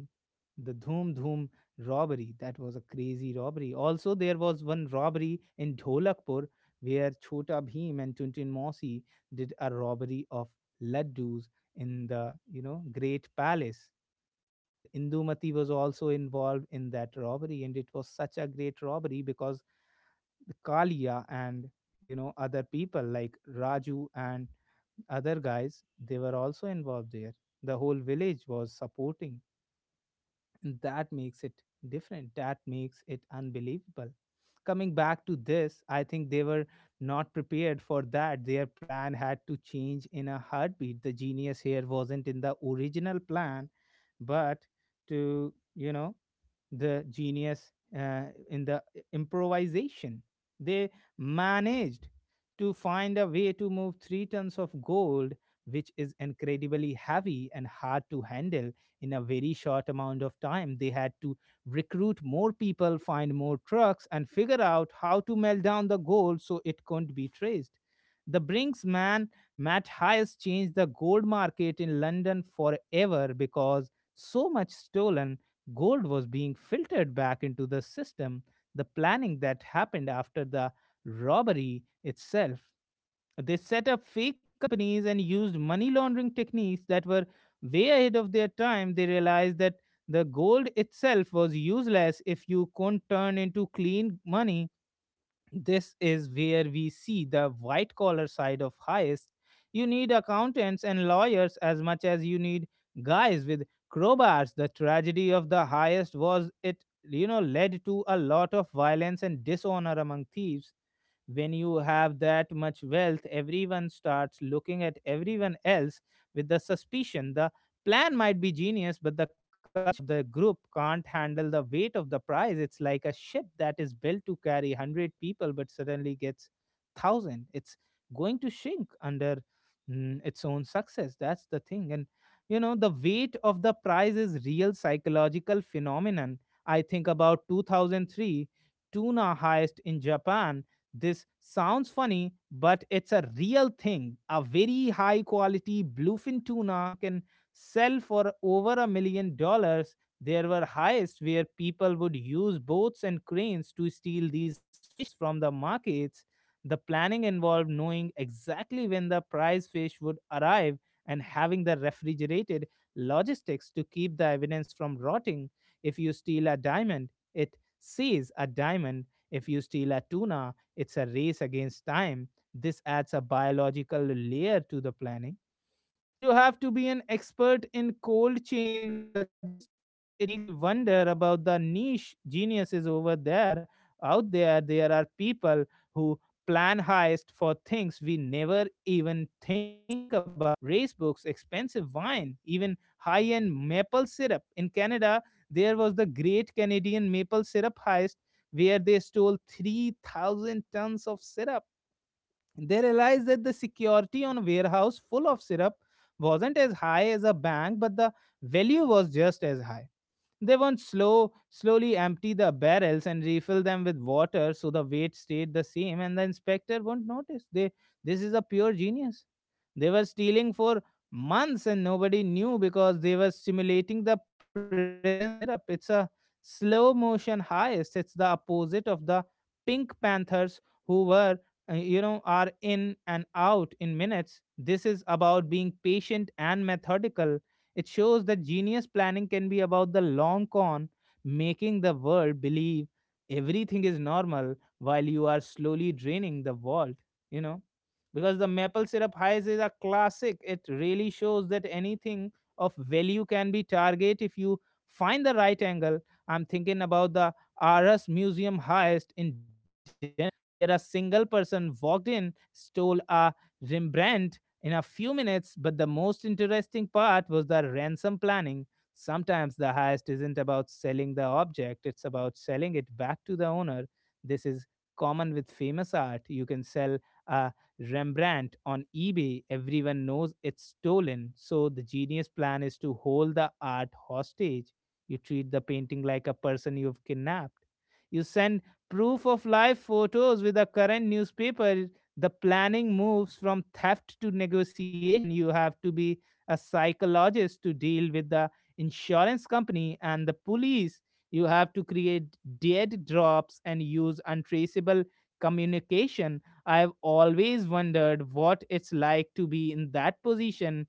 Speaker 1: the Dhoom Dhoom robbery. That was a crazy robbery. Also, there was one robbery in Dholakpur where Chota Bhim and Tuntun Mosi did a robbery of laddus in the, you know, great palace, where Indumati was also involved in that robbery, and it was such a great robbery because Kalia and, you know, other people like Raju and other guys, they were also involved there. The whole village was supporting, and that makes it different, that makes it unbelievable. Coming back to this, I think they were not prepared for that. Their plan had to change in a heartbeat. The genius here wasn't in the original plan, but to, you know, the genius uh, in the improvisation. They managed to find a way to move three tons of gold, which is incredibly heavy and hard to handle in a very short amount of time. They had to recruit more people, find more trucks, and figure out how to melt down the gold so it couldn't be traced. The Brinks man, Matt Hayes, changed the gold market in London forever because so much stolen gold was being filtered back into the system. The planning that happened after the robbery itself. They set up fake companies and used money laundering techniques that were way ahead of their time. They realized that the gold itself was useless if you couldn't turn into clean money. This is where we see the white collar side of heist. You need accountants and lawyers as much as you need guys with crowbars. The tragedy of the heist was it, you know, led to a lot of violence and dishonor among thieves. When you have that much wealth, everyone starts looking at everyone else with the suspicion. The plan might be genius, but the culture of the group can't handle the weight of the prize. It's like a ship that is built to carry 100 people but suddenly gets 1,000. It's going to shrink under its own success. That's the thing. And you know, the weight of the prize is real psychological phenomenon. I think about 2003 tuna heist in Japan. This sounds funny, but it's a real thing. A very high quality bluefin tuna can sell for over $1 million. There were heists where people would use boats and cranes to steal these fishes from the markets. The planning involved knowing exactly when the prize fish would arrive and having the refrigerated logistics to keep the evidence from rotting. If you steal a diamond, it says a diamond. If you steal a tuna, it's a race against time. This adds a biological layer to the planning. You have to be an expert in cold chain logistics. It makes me wonder about the niche geniuses over there. Out there, there are people who plan heist for things we never even think about. Race books, expensive wine, even high end maple syrup. In Canada, there was the great Canadian maple syrup heist where they stole 3,000 tons of syrup. They realized that the security on a warehouse full of syrup wasn't as high as a bank, but the value was just as high. They won't slowly empty the barrels and refill them with water so the weight stayed the same and the inspector won't notice. This is a pure genius. They were stealing for months and nobody knew because they were simulating the presence of the syrup. It's a slow motion heist. It's the opposite of the Pink Panthers who are in and out in minutes. This is about being patient and methodical. It shows that genius planning can be about the long con, making the world believe everything is normal while you are slowly draining the vault, you know. Because the maple syrup highs is a classic, it really shows that anything of value can be target if you find the right angle. I'm thinking about the RS Museum heist in Denmark, where a single person walked in, stole a Rembrandt in a few minutes, but the most interesting part was the ransom planning. Sometimes the heist isn't about selling the object, it's about selling it back to the owner. This is common with famous art. You can sell a Rembrandt on eBay, everyone knows it's stolen. So the genius plan is to hold the art hostage. You treat the painting like a person you've kidnapped. You send proof of life photos with a current newspaper. The planning moves from theft to negotiation. You have to be a psychologist to deal with the insurance company and the police. You have to create dead drops and use untraceable communication. I've always wondered what it's like to be in that position.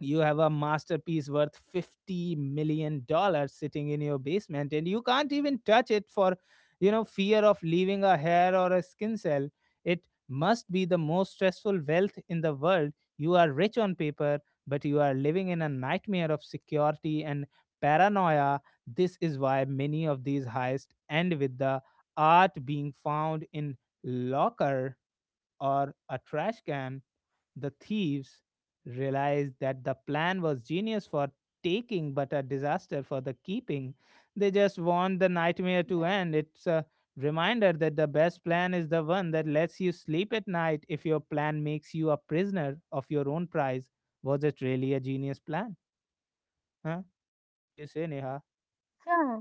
Speaker 1: You have a masterpiece worth $50 million sitting in your basement and you can't even touch it for fear of leaving a hair or a skin cell. It must be the most stressful wealth in the world. You are rich on paper, but you are living in a nightmare of security and paranoia. This is why many of these heists end with the art being found in locker or a trash can. The thieves realized that the plan was genius for taking but a disaster for the keeping. They just want the nightmare to end. It's a reminder that the best plan is the one that lets you sleep at night if your plan makes you a prisoner of your own prize. Was it really a genius plan? Huh? What do you say, Neha?
Speaker 2: Yeah,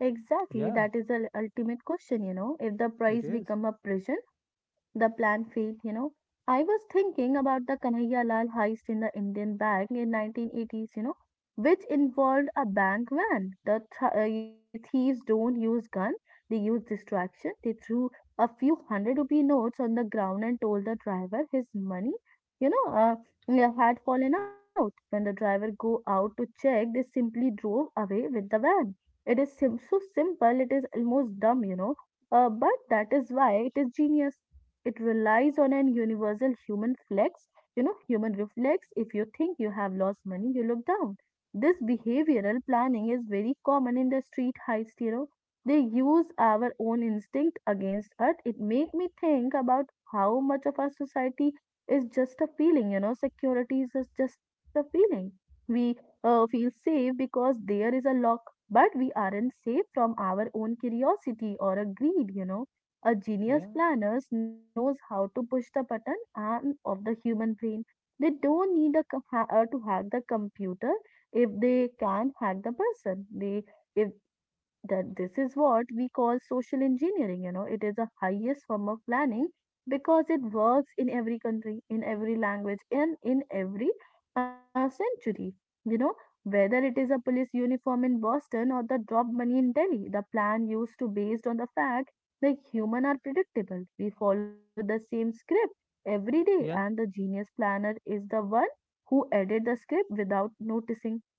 Speaker 2: exactly.
Speaker 1: Yeah,
Speaker 2: That is the ultimate question, you know. If the
Speaker 1: it
Speaker 2: price
Speaker 1: is.
Speaker 2: become a prison, the plan failed, you know. I was thinking about the Kanhaiya Lal heist in the Indian bank in 1980s, you know, which involved a bank van. The you thieves don't use gun, they use distraction. They threw a few hundred rupee notes on the ground and told the driver his money, you know, uh, yeah, had fallen out. When the driver go out to check, they simply drove away with the van. It is so simple, it is almost dumb, you know. But that is why it is genius. It relies on an universal human flex, you know, human reflex. If you think you have lost money, you look down. This behavioral planning is very common in the street heist, you know. They use our own instinct against us. It make me think about how much of our society is just a feeling, you know, security is just a feeling. We feel safe because there is a lock, but we aren't safe from our own curiosity or a greed, you know. A genius
Speaker 1: Yeah,
Speaker 2: planner knows how to push the button arm of the human brain. They don't need a to hack the computer if they can hack the person. They if that This is what we call social engineering, you know. It is the highest form of planning because it works in every country, in every language, and in every century. You know, whether it is a police uniform in Boston or the drop money in Delhi, the plan used to based on the fact that human are predictable. We follow the same script every day
Speaker 1: yeah,
Speaker 2: and the genius planner is the one who added the script without noticing.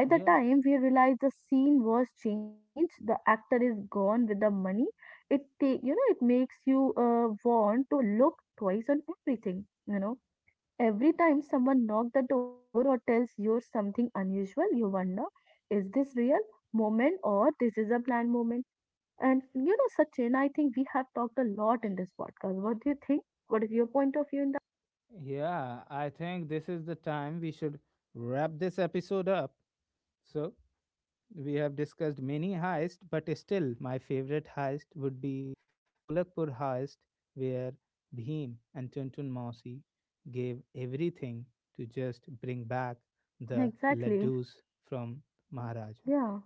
Speaker 2: By
Speaker 1: yeah.
Speaker 2: the time we realize the scene was changed, the actor is gone with the money. It take, you know, it makes you want to look twice on everything, you know. Every time someone knocks the door or tells you something unusual, you wonder, is this real moment or this is a planned moment? And you know, Sachin, I think we have talked a lot in this podcast. What do you think? What is your point of view in
Speaker 1: Yeah, I think this is the time we should wrap this episode up. So, we have discussed many heists, but still, my favorite heist would be the Dholakpur heist, where Bhim and Tuntun Mausi gave everything to just bring back the
Speaker 2: that? Exactly.
Speaker 1: laddus from Maharaja.
Speaker 2: Yeah,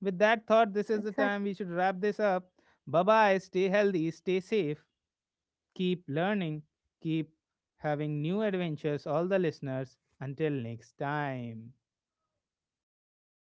Speaker 1: With that thought, this is the time
Speaker 2: exactly.
Speaker 1: we should wrap this up. Bye bye, stay healthy, stay safe, keep learning, keep having new adventures, all the listeners. Until next time.